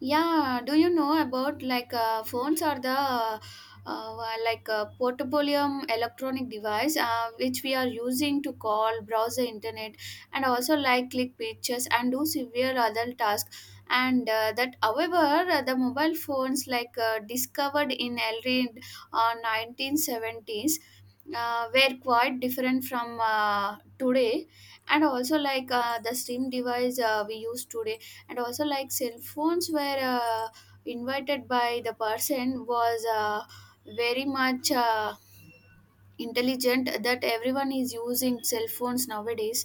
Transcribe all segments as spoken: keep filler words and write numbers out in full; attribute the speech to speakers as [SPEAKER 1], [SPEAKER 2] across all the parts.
[SPEAKER 1] Yeah, do you know about like uh, phones are the uh, uh, like uh, portable electronic device uh, which we are using to call, browse the internet, and also like click pictures and do severe other tasks. And uh, that, however, uh, the mobile phones like uh, discovered in early uh, nineteen seventies uh, were quite different from uh, today, and also like uh, the SIM device uh, we use today, and also like cell phones were uh, invited by the person was uh, very much uh, intelligent, that everyone is using cell phones nowadays.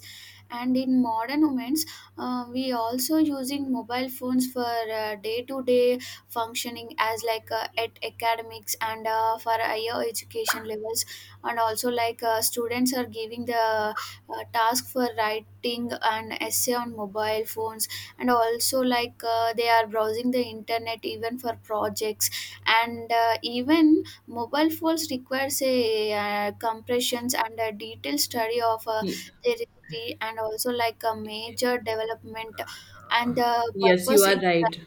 [SPEAKER 1] And in modern moments uh, we also using mobile phones for uh, day-to-day functioning as like uh, at academics and uh, for higher education levels, and also like uh, students are giving the uh, task for writing an essay on mobile phones, and also like uh, they are browsing the internet even for projects. And uh, even Mobile phones requires a uh, compressions and a detailed study of uh,
[SPEAKER 2] Ye-
[SPEAKER 1] their history and also like a major development, and the
[SPEAKER 2] Yes, you
[SPEAKER 1] purpose
[SPEAKER 2] are
[SPEAKER 1] is uh,
[SPEAKER 2] right.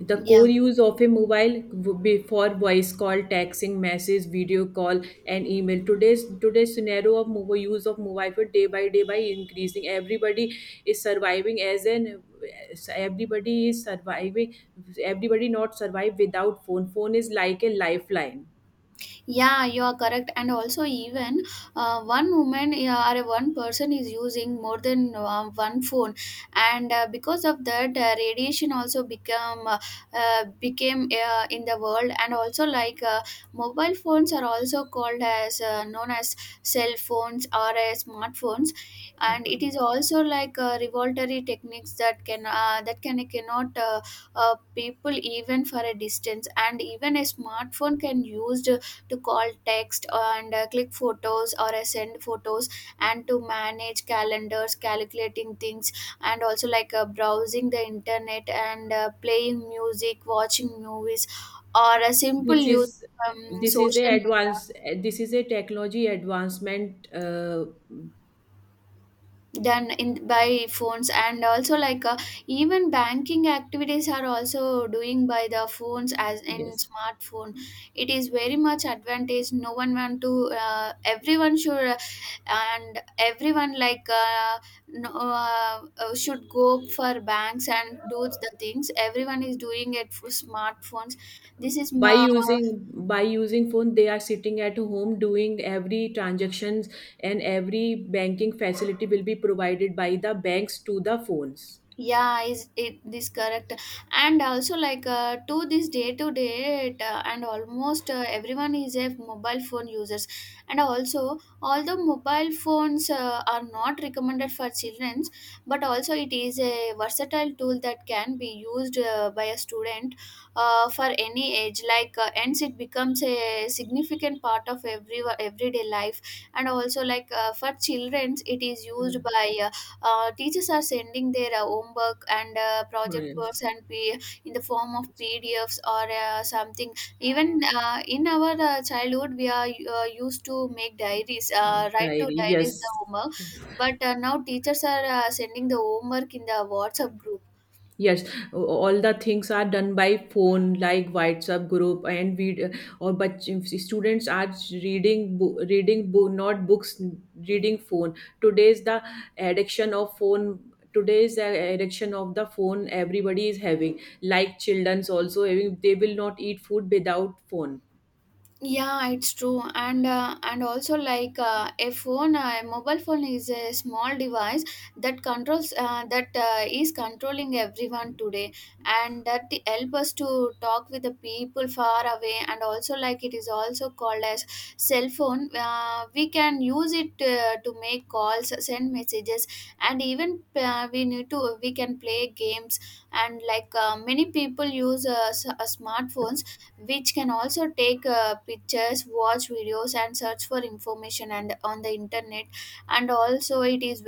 [SPEAKER 2] The core
[SPEAKER 1] yeah.
[SPEAKER 2] use of a mobile would be for voice call, texting, message, video call, and email. Today's today's scenario of mobile use of mobile phone day by day by increasing. Everybody is surviving as an everybody is surviving. Everybody not survive without phone. Phone is like a lifeline.
[SPEAKER 1] Yeah, you are correct. And also, even uh, one woman uh, or one person is using more than uh, one phone, and uh, because of that, uh, radiation also become uh, uh, became uh, in the world, and also like uh, mobile phones are also called as uh, known as cell phones or as smartphones, and it
[SPEAKER 2] Smartphone.
[SPEAKER 1] is also like uh, revoltory techniques, that can uh, that can cannot uh, uh, people even for a distance. And even a smartphone can used to call text and uh, click photos or uh, send photos and to manage calendars calculating things, and also like uh, browsing the internet and uh, playing music watching movies or a simple
[SPEAKER 2] This
[SPEAKER 1] use
[SPEAKER 2] is
[SPEAKER 1] um,
[SPEAKER 2] this is a
[SPEAKER 1] social media
[SPEAKER 2] advance. This is a technology advancement. Uh,
[SPEAKER 1] done in by phones, and also like uh, even banking activities are also doing by the phones as in
[SPEAKER 2] yes.
[SPEAKER 1] smartphone. It is very much advantage, no one want to uh, everyone should uh, and everyone like uh, no, uh, uh, should go for banks and do the things, everyone is doing it for smartphones. this is
[SPEAKER 2] by
[SPEAKER 1] ma-
[SPEAKER 2] using by using phone they are sitting at home doing every transactions, and every banking facility will be provided by the banks to the phones.
[SPEAKER 1] yeah, is it this correct? And also like uh, to this day to date, uh, and almost uh, everyone is a mobile phone users. And also, although mobile phones uh, are not recommended for children, but also it is a versatile tool that can be used uh, by a student uh, for any age, like uh, hence it becomes a significant part of every everyday life. And also like uh, for children it is used by uh, uh, teachers are sending their uh, homework and uh, project
[SPEAKER 2] Yes.
[SPEAKER 1] works and P- in the form of
[SPEAKER 2] Yes.
[SPEAKER 1] pdfs or uh, something. Even uh, in our uh, childhood we are uh, used to make diaries, uh, write to
[SPEAKER 2] Diary, yes.
[SPEAKER 1] diaries the homework,
[SPEAKER 2] Yes.
[SPEAKER 1] but uh, now teachers are uh, sending the homework in the whatsapp group.
[SPEAKER 2] Yes, all the things are done by phone, like WhatsApp group and video. Or but students are reading, bo- reading book, not books, reading phone. Today's the addiction of phone. Today's the addiction of the phone. Everybody is having, like childrens also having. They will not eat food without phone.
[SPEAKER 1] Yeah, it's true. And uh, and also like uh, a phone, uh, a mobile phone is a small device that controls uh, that uh, is controlling everyone today, and that help us to talk with the people far away, and also like it is also called as cell phone. Uh, we can use it uh, to make calls, send messages, and even uh, we need to we can play games, and like uh, many people use uh, s- uh, smartphones, which can also take uh, pictures watch videos and search for information and on the internet. And also it is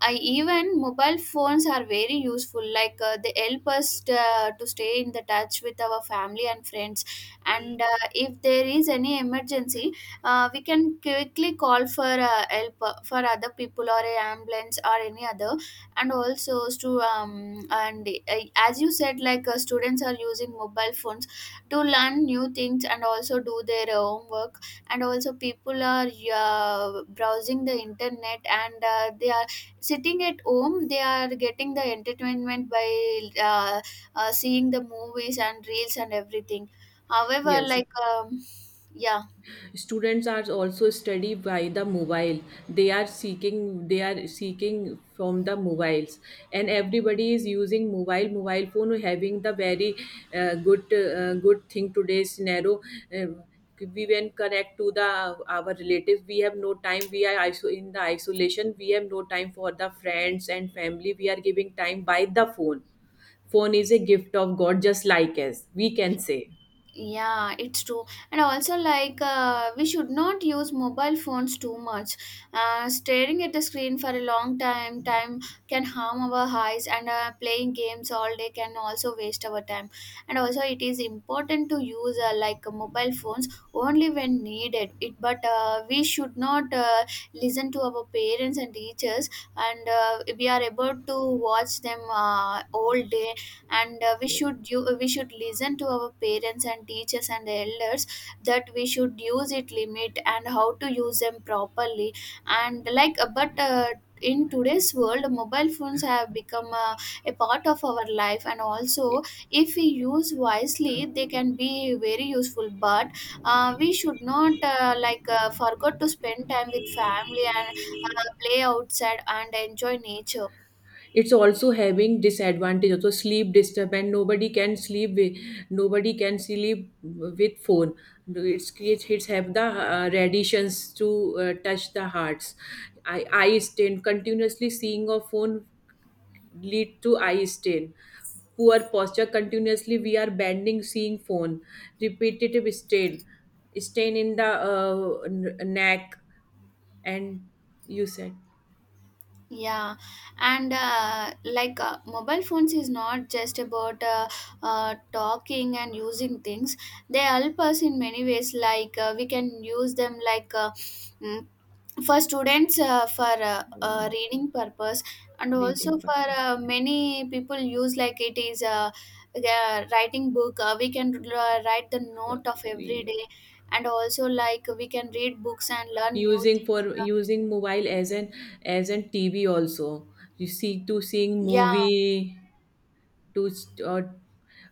[SPEAKER 1] I, even mobile phones are very useful, like uh, they help us uh, to stay in the touch with our family and friends. And uh, if there is any emergency, uh, we can quickly call for uh, help uh, for other people or a ambulance or any other. And also to um, and uh, as you said like uh, students are using mobile phones to learn new things and also do their own work. And also people are uh, browsing the internet and uh, they are sitting at home, they are getting the entertainment by uh, uh, seeing the movies and reels and everything, however
[SPEAKER 2] Yes.
[SPEAKER 1] like um, yeah.
[SPEAKER 2] Students are also study by the mobile. They are seeking they are seeking from the mobiles, and everybody is using mobile mobile phone having the very uh, good uh, good thing today's scenario. Uh, we when connect to the uh, our relatives, we have no time, we are iso- in the isolation, we have no time for the friends and family, we are giving time by the phone. Phone is a gift of god, just like as we can say.
[SPEAKER 1] Yeah, it's true. And also like uh, we should not use mobile phones too much. Uh, staring at the screen for a long time time can harm our eyes, and uh, playing games all day can also waste our time. And also it is important to use uh, like mobile phones only when needed it, but uh, we should not uh, listen to our parents and teachers, and uh, we are able to watch them uh, all day. And uh, we should u- we should listen to our parents and teachers and elders, that we should use it limit and how to use them properly. And like uh, but uh, in today's world mobile phones have become uh, a part of our life, and also if we use wisely they can be very useful, but uh, we should not uh, like uh, forget to spend time with family and uh, play outside and enjoy nature.
[SPEAKER 2] It's also having disadvantage also, sleep disturbance, nobody can sleep with nobody can sleep with phone. No, it's creates, it's have the uh, radiations to uh, touch the hearts, eye, eye strain, continuously seeing a phone lead to eye stain. Poor posture, continuously we are bending seeing phone, repetitive stain stain in the uh, n- neck, and you said.
[SPEAKER 1] Yeah, and uh, like uh, mobile phones is not just about uh, uh, talking and using things. They help us in many ways. Like uh, we can use them like uh, mm, for students uh, for uh,
[SPEAKER 2] uh,
[SPEAKER 1] uh, reading purpose, and also
[SPEAKER 2] Reading
[SPEAKER 1] for
[SPEAKER 2] purpose,
[SPEAKER 1] uh, many people use like it is uh, uh, writing book. Uh, we can uh, write the
[SPEAKER 2] for
[SPEAKER 1] note of every day, and also like we can read books and learn new
[SPEAKER 2] using,
[SPEAKER 1] things.
[SPEAKER 2] for using mobile as an as an TV also, you see to seeing
[SPEAKER 1] Yeah,
[SPEAKER 2] movie, to s- or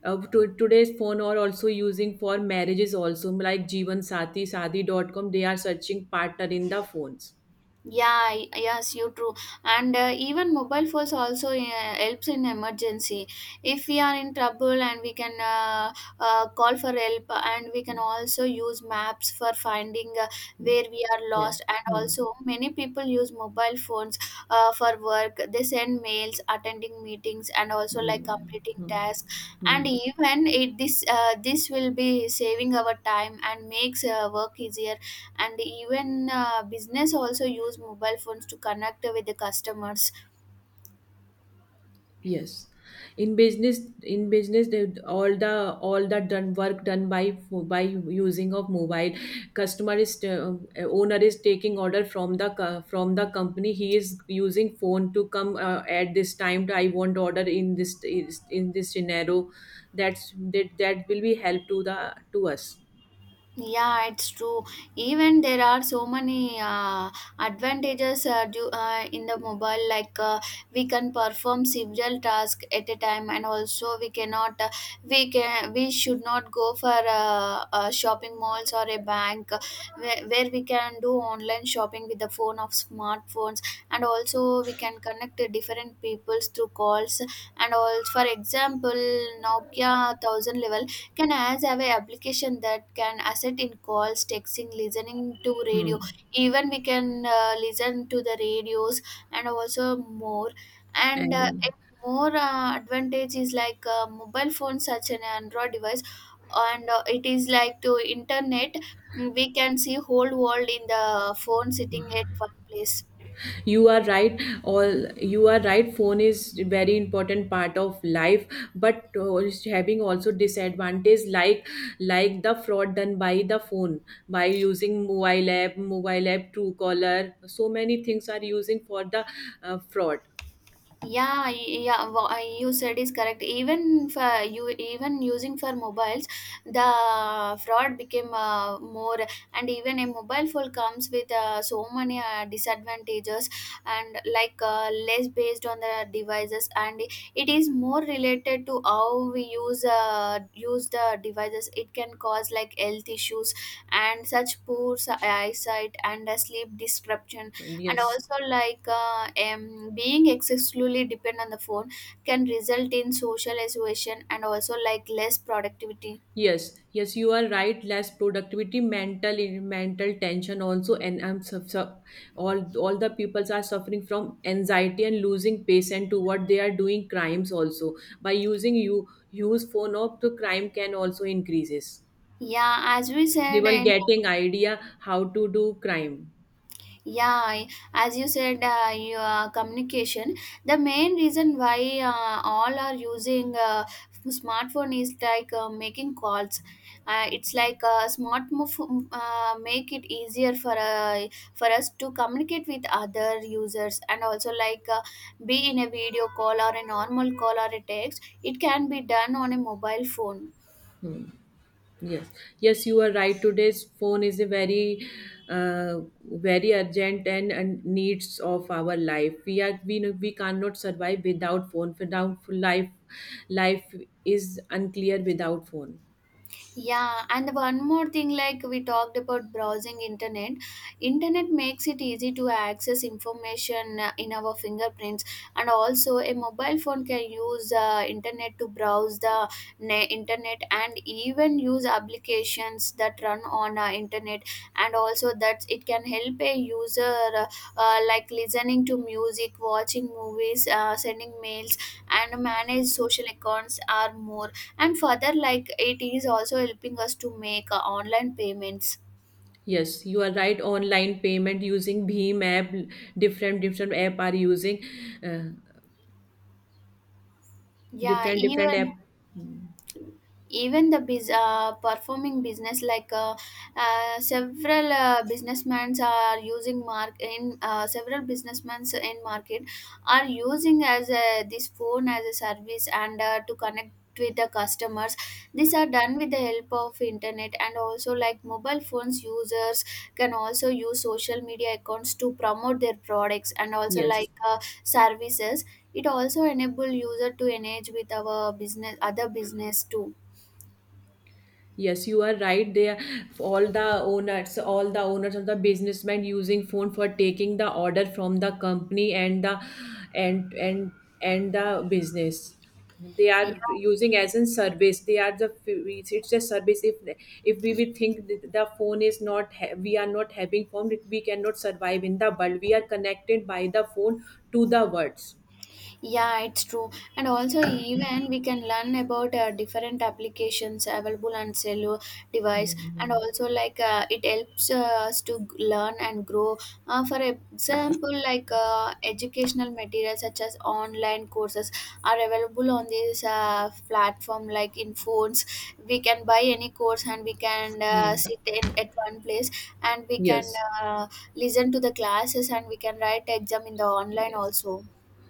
[SPEAKER 2] uh, to, today's phone are also using for marriages also, like jeevan sati Sadi dot com, they are searching partner in the phones.
[SPEAKER 1] yeah, y- yes, you true. And uh, even mobile phones also uh, helps in emergency. If we are in trouble and we can uh, uh, call for help, and we can also use maps for finding uh,
[SPEAKER 2] Hmm.
[SPEAKER 1] where we are
[SPEAKER 2] Yes.
[SPEAKER 1] lost. And
[SPEAKER 2] Hmm.
[SPEAKER 1] also many people use mobile phones uh, for work, they send mails attending meetings and also like
[SPEAKER 2] Hmm.
[SPEAKER 1] completing
[SPEAKER 2] Hmm.
[SPEAKER 1] tasks,
[SPEAKER 2] Hmm.
[SPEAKER 1] and even it this uh, this will be saving our time and makes uh, work easier. And even uh, business also use mobile phones to connect with the customers.
[SPEAKER 2] Yes, in business, in business, they, all the all the done work done by by using of mobile. Customer is uh, owner is taking order from the co- from the company. He is using phone to come uh, at this time. I want order in this in this scenario. That's that that will be help to the to us.
[SPEAKER 1] Yeah, it's true. Even there are so many uh, advantages uh, due, uh, in the mobile, like uh, we can perform several tasks at a time, and also we cannot, uh, we can, we should not go for uh, uh, shopping malls or a bank, uh, where, where we can do online shopping with the phone of smartphones, and also we can connect to different peoples through calls. And also, for example, Nokia thousand level can as have a application that can assist in calls texting listening to
[SPEAKER 2] Hmm.
[SPEAKER 1] radio, even we can uh, listen to the radios. And also more and uh,
[SPEAKER 2] And
[SPEAKER 1] a more uh, advantage is like uh, mobile phone such an android device, and uh, it is like to internet, we can see whole world in the phone sitting at one place.
[SPEAKER 2] you are right, all. You are right, phone is very important part of life, but uh, it's having also disadvantage, like like the fraud done by the phone, by using mobile app, mobile app truecaller, so many things are using for the uh, fraud.
[SPEAKER 1] Yeah, y- yeah, wha- uh, you said is correct. Even for you, even using for mobiles, the fraud became uh, more, and even a mobile phone comes with uh, so many uh, disadvantages, and like uh, less based on the devices, and it is more related to how we use uh, use the devices. It can cause like health issues and such poor si- eyesight and uh, sleep disruption, and
[SPEAKER 2] Yes.
[SPEAKER 1] also like uh, um, being excessively dependent on the phone can result in social isolation, and also like less productivity.
[SPEAKER 2] Yes, yes, you are right. Less productivity, mental mental tension also, and I'm su- su- all all the peoples are suffering from anxiety and losing patience to what they are doing. Crimes also, by using you use phone up, the crime can also increases.
[SPEAKER 1] Yeah, as we
[SPEAKER 2] They
[SPEAKER 1] said
[SPEAKER 2] will
[SPEAKER 1] in,
[SPEAKER 2] getting idea how to do crime.
[SPEAKER 1] yeah, I- as you said, uh, your uh, communication, the main reason why uh, all are using uh, smartphone is like uh, making calls. Uh, it's like uh, smart move, uh, make it easier for uh, for us to communicate with other users, and also like uh, be in a video call or a normal call or a text, it can be done on a mobile phone.
[SPEAKER 2] Yes, yes, you are right. Today's phone is a very, uh, very urgent, and, and needs of our life. We are we know we cannot survive without phone. Without life, life is unclear without phone.
[SPEAKER 1] Yeah, and one more thing, like we talked about browsing internet internet. Makes it easy to access information uh, in our fingerprints, and also a mobile phone can use uh, internet to browse the ne- internet, and even use applications that run on uh, internet, and also that it can help a user uh, uh, like listening to music watching movies, uh, sending mails and manage social accounts or more. And further like it is also helping us to make uh, online payments.
[SPEAKER 2] Yes, you are right. Online payment using Bheem app, different different app are using, uh,
[SPEAKER 1] Yeah,
[SPEAKER 2] different different app.
[SPEAKER 1] even even the biz, uh, performing business, like uh, uh, several uh, businessmen are using mark in uh, several businessmen in market are using as a, this phone as a service, and uh, to connect with the customers. These are done with the help of internet, and also like mobile phones users can also use social media accounts to promote their products, and also
[SPEAKER 2] Yes.
[SPEAKER 1] like uh, services, it also enable user to engage with our business other business too.
[SPEAKER 2] Yes, you are right. They are all the owners, all the owners of the businessmen using phone for taking the order from the company, and the and and and the business. They
[SPEAKER 1] Yeah,
[SPEAKER 2] are using as a service. They are the, it's a service. If if we will think that the phone is not ha- we are not having phone, we cannot survive in the world. We are connected by the phone to the words.
[SPEAKER 1] yeah, it's true. And also, even we can learn about uh, different applications available on cellular device, and
[SPEAKER 2] Mhm.
[SPEAKER 1] also like uh, it helps uh, us to g- learn and grow. Uh, for example, like uh, educational materials such as online courses are available on this uh, platform. Like in phones, we can buy any course and we can
[SPEAKER 2] Yeah.
[SPEAKER 1] uh, sit in at one place and we can
[SPEAKER 2] Yes,
[SPEAKER 1] uh, listen to the classes and we can write exam in the online
[SPEAKER 2] yes.
[SPEAKER 1] also.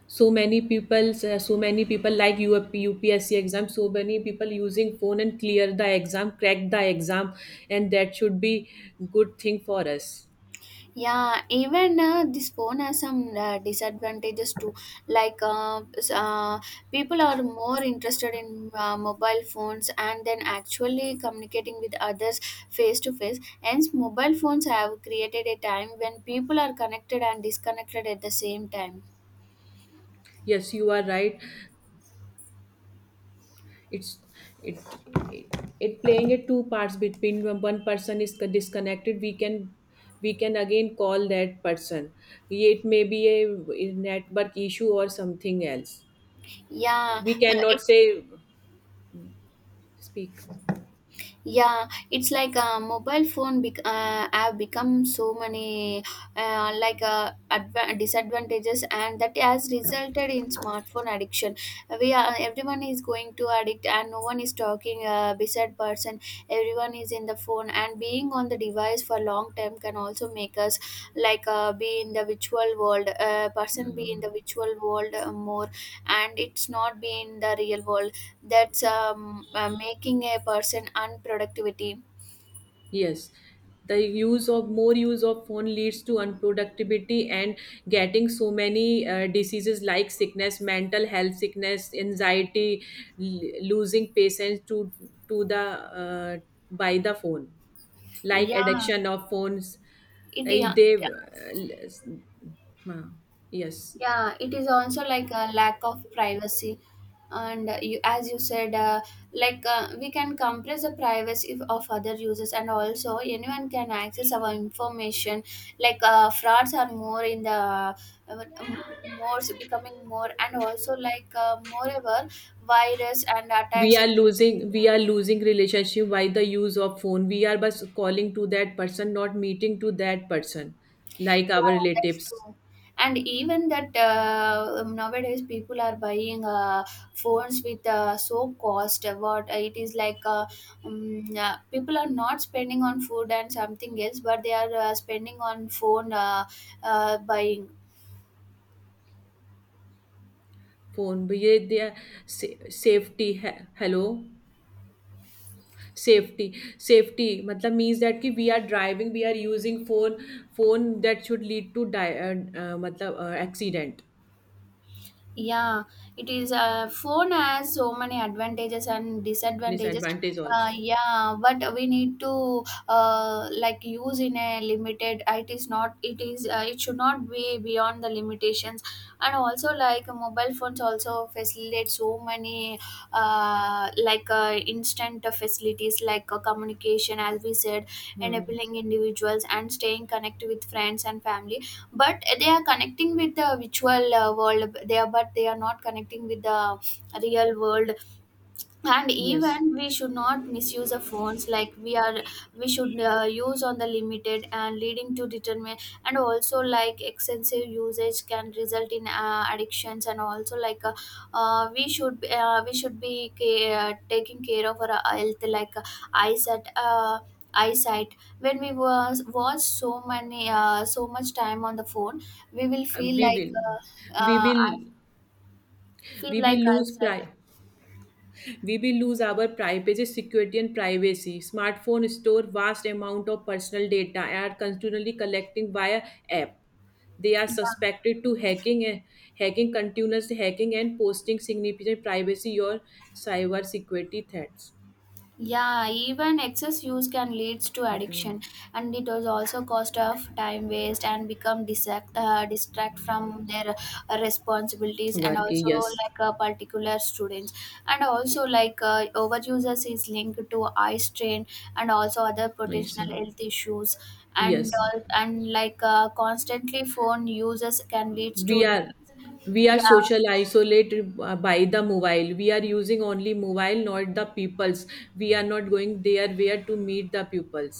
[SPEAKER 2] So many people, uh, so many people like U P, U P S C exam, so many people using phone and clear the exam, crack the exam, and that should be good thing for us.
[SPEAKER 1] Yeah, even uh, this phone has some uh, disadvantages too. Like uh, s- uh, people are more interested in uh, mobile phones and then actually communicating with others face to face. Hence, mobile phones have created a time when people are connected and disconnected at the same time.
[SPEAKER 2] Yes, you are right. It's it it, it playing a two parts between when one person is disconnected, we can we can again call that person, it may be a network issue or something else.
[SPEAKER 1] Yeah,
[SPEAKER 2] We
[SPEAKER 1] uh,
[SPEAKER 2] cannot say, speak.
[SPEAKER 1] yeah it's like a mobile phone bec- uh, have become so many uh, like uh, adva- disadvantages and that has resulted in smartphone addiction. We are Everyone is going to addict and no one is talking uh, beside person. Everyone is in the phone and being on the device for long time can also make us like uh, be in the virtual world uh, person be in the
[SPEAKER 2] Mm.
[SPEAKER 1] virtual world uh, more, and it's not been the real world. That's um, uh, making a person unproductivity.
[SPEAKER 2] Yes, the use of more use of phone leads to unproductivity, and getting so many uh, diseases like sickness, mental health sickness, anxiety, l- losing patience to to the uh, by the phone, like
[SPEAKER 1] yeah
[SPEAKER 2] addiction of phones.
[SPEAKER 1] it,
[SPEAKER 2] Eh,
[SPEAKER 1] yeah
[SPEAKER 2] They
[SPEAKER 1] it
[SPEAKER 2] uh, l- yes.
[SPEAKER 1] yeah, it is also like a lack of privacy. And uh, you, as you said, uh, like uh, we can compress the privacy of of other users and also anyone can access our information. Like uh, frauds are more in the uh, m- more becoming more, and also like uh, moreover virus and
[SPEAKER 2] We
[SPEAKER 1] attacks.
[SPEAKER 2] are, losing we are losing relationship by the use of phone we are just calling to that person not meeting to that person like our
[SPEAKER 1] Yeah, that's
[SPEAKER 2] relatives
[SPEAKER 1] true. And even that uh, um, nowadays people are buying uh, phones with uh, so cost. Uh, What uh, It is like, uh, um, uh, people are not spending on food and something else, but they are uh, spending on phone uh, uh, buying.
[SPEAKER 2] Phone भी ये दिया से safety है hello safety safety मतलब means that कि we are driving we are using phone phone that should lead to die uh uh, मतलब uh, accident
[SPEAKER 1] Yeah, it is. Uh, phone has so many advantages and disadvantages.
[SPEAKER 2] Disadvantage
[SPEAKER 1] Uh,
[SPEAKER 2] also
[SPEAKER 1] yeah, but we need to uh, like use in a limited. It is not. It is. Uh, it should not be beyond the limitations. And also, like mobile phones, also facilitate so many uh, like uh, instant facilities like uh, communication, as we said,
[SPEAKER 2] hmm,
[SPEAKER 1] enabling individuals and staying connected with friends and family, but they are connecting with the virtual uh, world there, but they are not connecting with the real world. And
[SPEAKER 2] yes,
[SPEAKER 1] even we should not misuse the phones like we are. We should uh, use on the limited and leading to determine. And also like extensive usage can result in uh, addictions, and also like uh, uh, we should uh, we should be ca- uh, taking care of our health like uh, eyesight uh, eyesight. When we was watch so many uh, so much time on the phone, we will feel
[SPEAKER 2] we
[SPEAKER 1] like
[SPEAKER 2] will
[SPEAKER 1] uh,
[SPEAKER 2] we
[SPEAKER 1] uh,
[SPEAKER 2] will
[SPEAKER 1] I feel
[SPEAKER 2] we
[SPEAKER 1] like
[SPEAKER 2] will lose
[SPEAKER 1] eyesight.
[SPEAKER 2] प्राइ We will lose our privacy, security, and privacy. Smartphone store vast amount of personal data and are continually collecting via app. They are
[SPEAKER 1] Yeah.
[SPEAKER 2] suspected to hacking, eh, hacking continuous hacking and posting significant privacy or cyber security threats.
[SPEAKER 1] Yeah, even excess use can lead to addiction, and it was also cost of time waste and become distract uh, distract from their uh, responsibilities, and
[SPEAKER 2] Work,
[SPEAKER 1] also
[SPEAKER 2] yes.
[SPEAKER 1] like uh, particular students, and also like uh, overuses is linked to eye strain and also other
[SPEAKER 2] Yes.
[SPEAKER 1] potential health issues, and
[SPEAKER 2] Yes.
[SPEAKER 1] all. And like uh, constantly phone uses can lead to
[SPEAKER 2] we
[SPEAKER 1] de-.
[SPEAKER 2] are we are
[SPEAKER 1] Yeah.
[SPEAKER 2] social isolated uh, by the mobile, we are using only mobile, not the peoples. We are not going there where to meet the pupils.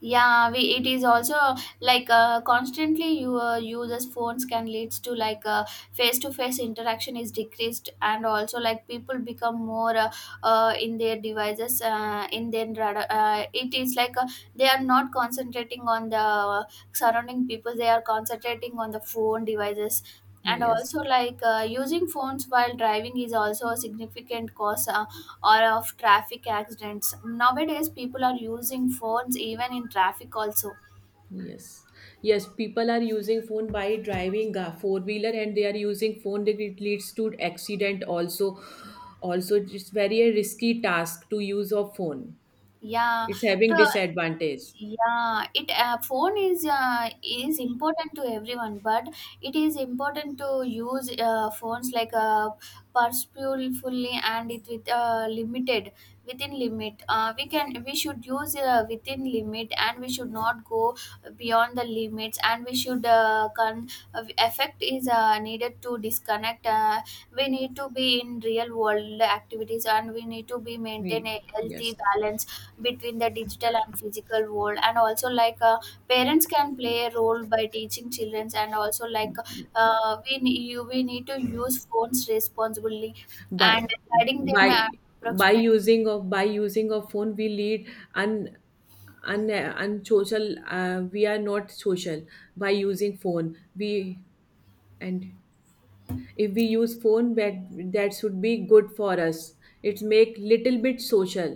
[SPEAKER 1] yeah we it is also like uh, constantly you uh, users phones can leads to like uh, face-to-face interaction is decreased, and also like people become more, uh, uh, in their devices uh, in their rad- uh, it is like uh, they are not concentrating on the surrounding people, they are concentrating on the phone devices. And
[SPEAKER 2] Yes.
[SPEAKER 1] also like uh, using phones while driving is also a significant cause uh, or of traffic accidents. Nowadays, people are using phones even in traffic also.
[SPEAKER 2] Yes, yes, people are using phone by driving a four wheeler, and they are using phone, that it leads to accident also. Also, it's very a risky task to use of phone.
[SPEAKER 1] Yeah,
[SPEAKER 2] It's
[SPEAKER 1] to.
[SPEAKER 2] having disadvantage.
[SPEAKER 1] Yeah it uh, phone is uh, is important to everyone, but it is important to use uh, phones like uh, purposefully, and it with uh, limited within limit. Uh, we can we should use uh, within limit and we should not go beyond the limits. And we should uh, con- uh, effect is uh, needed to disconnect. Uh, we need to be in real world activities, and we need to be maintain
[SPEAKER 2] We.
[SPEAKER 1] a healthy
[SPEAKER 2] Yes,
[SPEAKER 1] balance between the digital and physical world. And also like uh, parents can play a role by teaching children, and also like uh, we, ne- you, we need to use phones responsibly and
[SPEAKER 2] by
[SPEAKER 1] guiding them
[SPEAKER 2] by by
[SPEAKER 1] approximately.
[SPEAKER 2] using of by using of phone we lead un un unsocial. Uh, we are not social. By using phone, we, and if we use phone, that that should be good for us. It's make little bit social,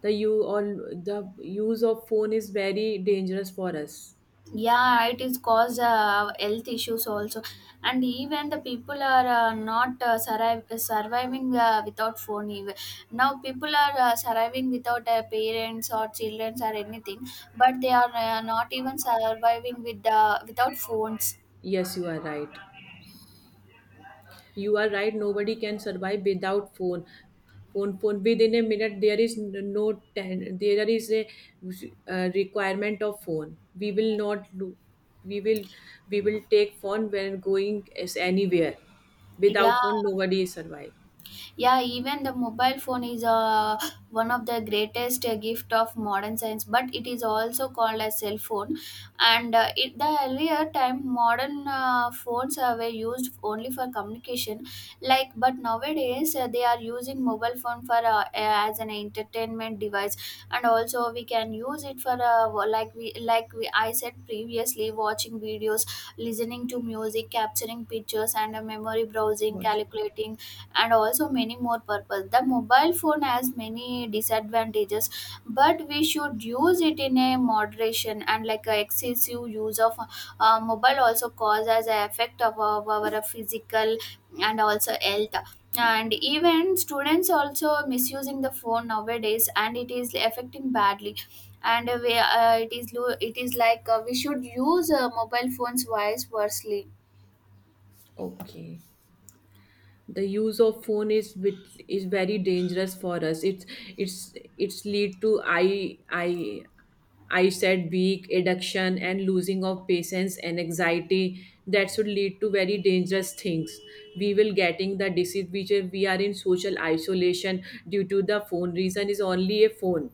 [SPEAKER 2] the you all, the use of phone is very dangerous for us.
[SPEAKER 1] Yeah, it is cause uh, health issues also, and even the people are uh, not uh, survive, surviving uh, without phone. Even now, people are uh, surviving without uh, parents or children or anything, but they are uh, not even surviving with the without phones.
[SPEAKER 2] Yes, you are right. You are right, nobody can survive without phone. Phone phone, within a minute, there is n- no ten, there is a uh, requirement of phone, we will not do, we will, we will take phone when going as anywhere.
[SPEAKER 1] Yeah.
[SPEAKER 2] Without phone, nobody survive.
[SPEAKER 1] Yeah, even the mobile phone is uh, one of the greatest uh, gift of modern science, but it is also called as cell phone. And uh, it, the earlier time modern uh, phones uh, were used only for communication like, but nowadays uh, they are using mobile phone for uh, as an entertainment device. And also we can use it for uh, like we like we, I said previously, watching videos, listening to music, capturing pictures and uh, memory, browsing,
[SPEAKER 2] Watch.
[SPEAKER 1] calculating, and also many more purpose. The mobile phone has many disadvantages, but we should use it in a moderation, and like a excessive use of uh, mobile also causes an effect of our, our physical and also health. And even students also misusing the phone nowadays, and it is affecting badly. And we, uh, it is lo- it is like uh, we should use uh, mobile phones wise wisely.
[SPEAKER 2] Okay. The use of phone is with is very dangerous for us. It's it's it's lead to eye eye eyesight weak, addiction and losing of patience and anxiety, that should lead to very dangerous things. We will getting the disease which is- we are in social isolation due to the phone, reason is only a phone.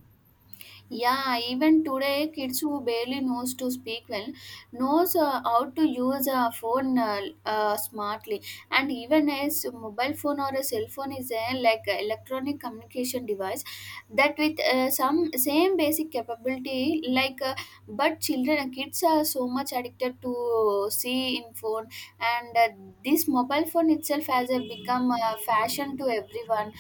[SPEAKER 1] Yeah, even today, kids who barely knows to speak well knows uh, how to use a phone uh, uh, smartly. And even as mobile phone or a cell phone is a like a electronic communication device that with uh, some same basic capability like uh, but children uh, kids are so much addicted to see in phone. And uh, this mobile phone itself has uh, become a fashion to everyone.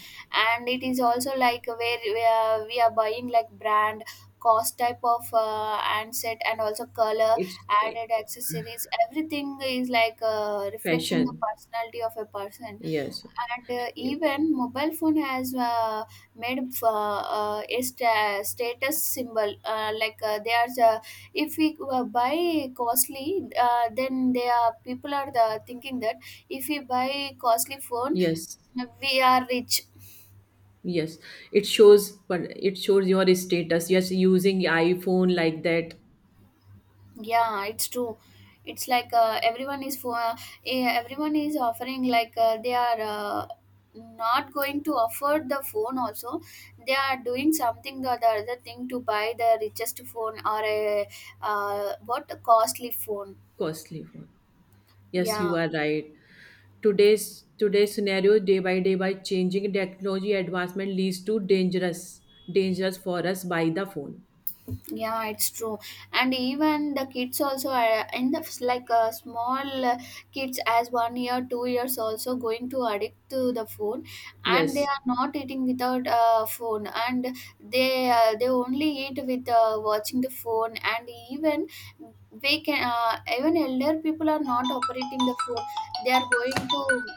[SPEAKER 1] And it is also like where we are, we are buying like brand, cost type of uh, and set, and also color,
[SPEAKER 2] It's
[SPEAKER 1] added accessories, everything is like uh, reflecting the
[SPEAKER 2] fashion.
[SPEAKER 1] personality of a person.
[SPEAKER 2] Yes.
[SPEAKER 1] And uh, even mobile phone has uh, made uh, uh, a sta- status symbol, uh, like uh, they are uh, if we uh, buy costly uh, then they are people are the thinking that if we buy costly phone,
[SPEAKER 2] Yes.
[SPEAKER 1] we are rich.
[SPEAKER 2] Yes, it shows, but it shows your status, yes, using iPhone, like that.
[SPEAKER 1] Yeah, it's true. It's like uh, everyone is for uh, eh, everyone is offering like uh, they are uh, not going to afford the phone also. They are doing something or the other thing to buy the richest phone or a, uh, what a costly phone.
[SPEAKER 2] Costly one. Yes,
[SPEAKER 1] Yeah.
[SPEAKER 2] you are right. Today's today's scenario, day by day, by changing technology advancement leads to dangerous, dangerous for us by the phone.
[SPEAKER 1] Yeah, it's true. And even the kids also are in the like uh, small uh, kids as one year, two years also going to addict to the phone, and they
[SPEAKER 2] Yes,
[SPEAKER 1] are not eating without uh, phone, and they uh, they only eat with uh, watching the phone. And even we can uh, even elder people are not operating the phone. They are going to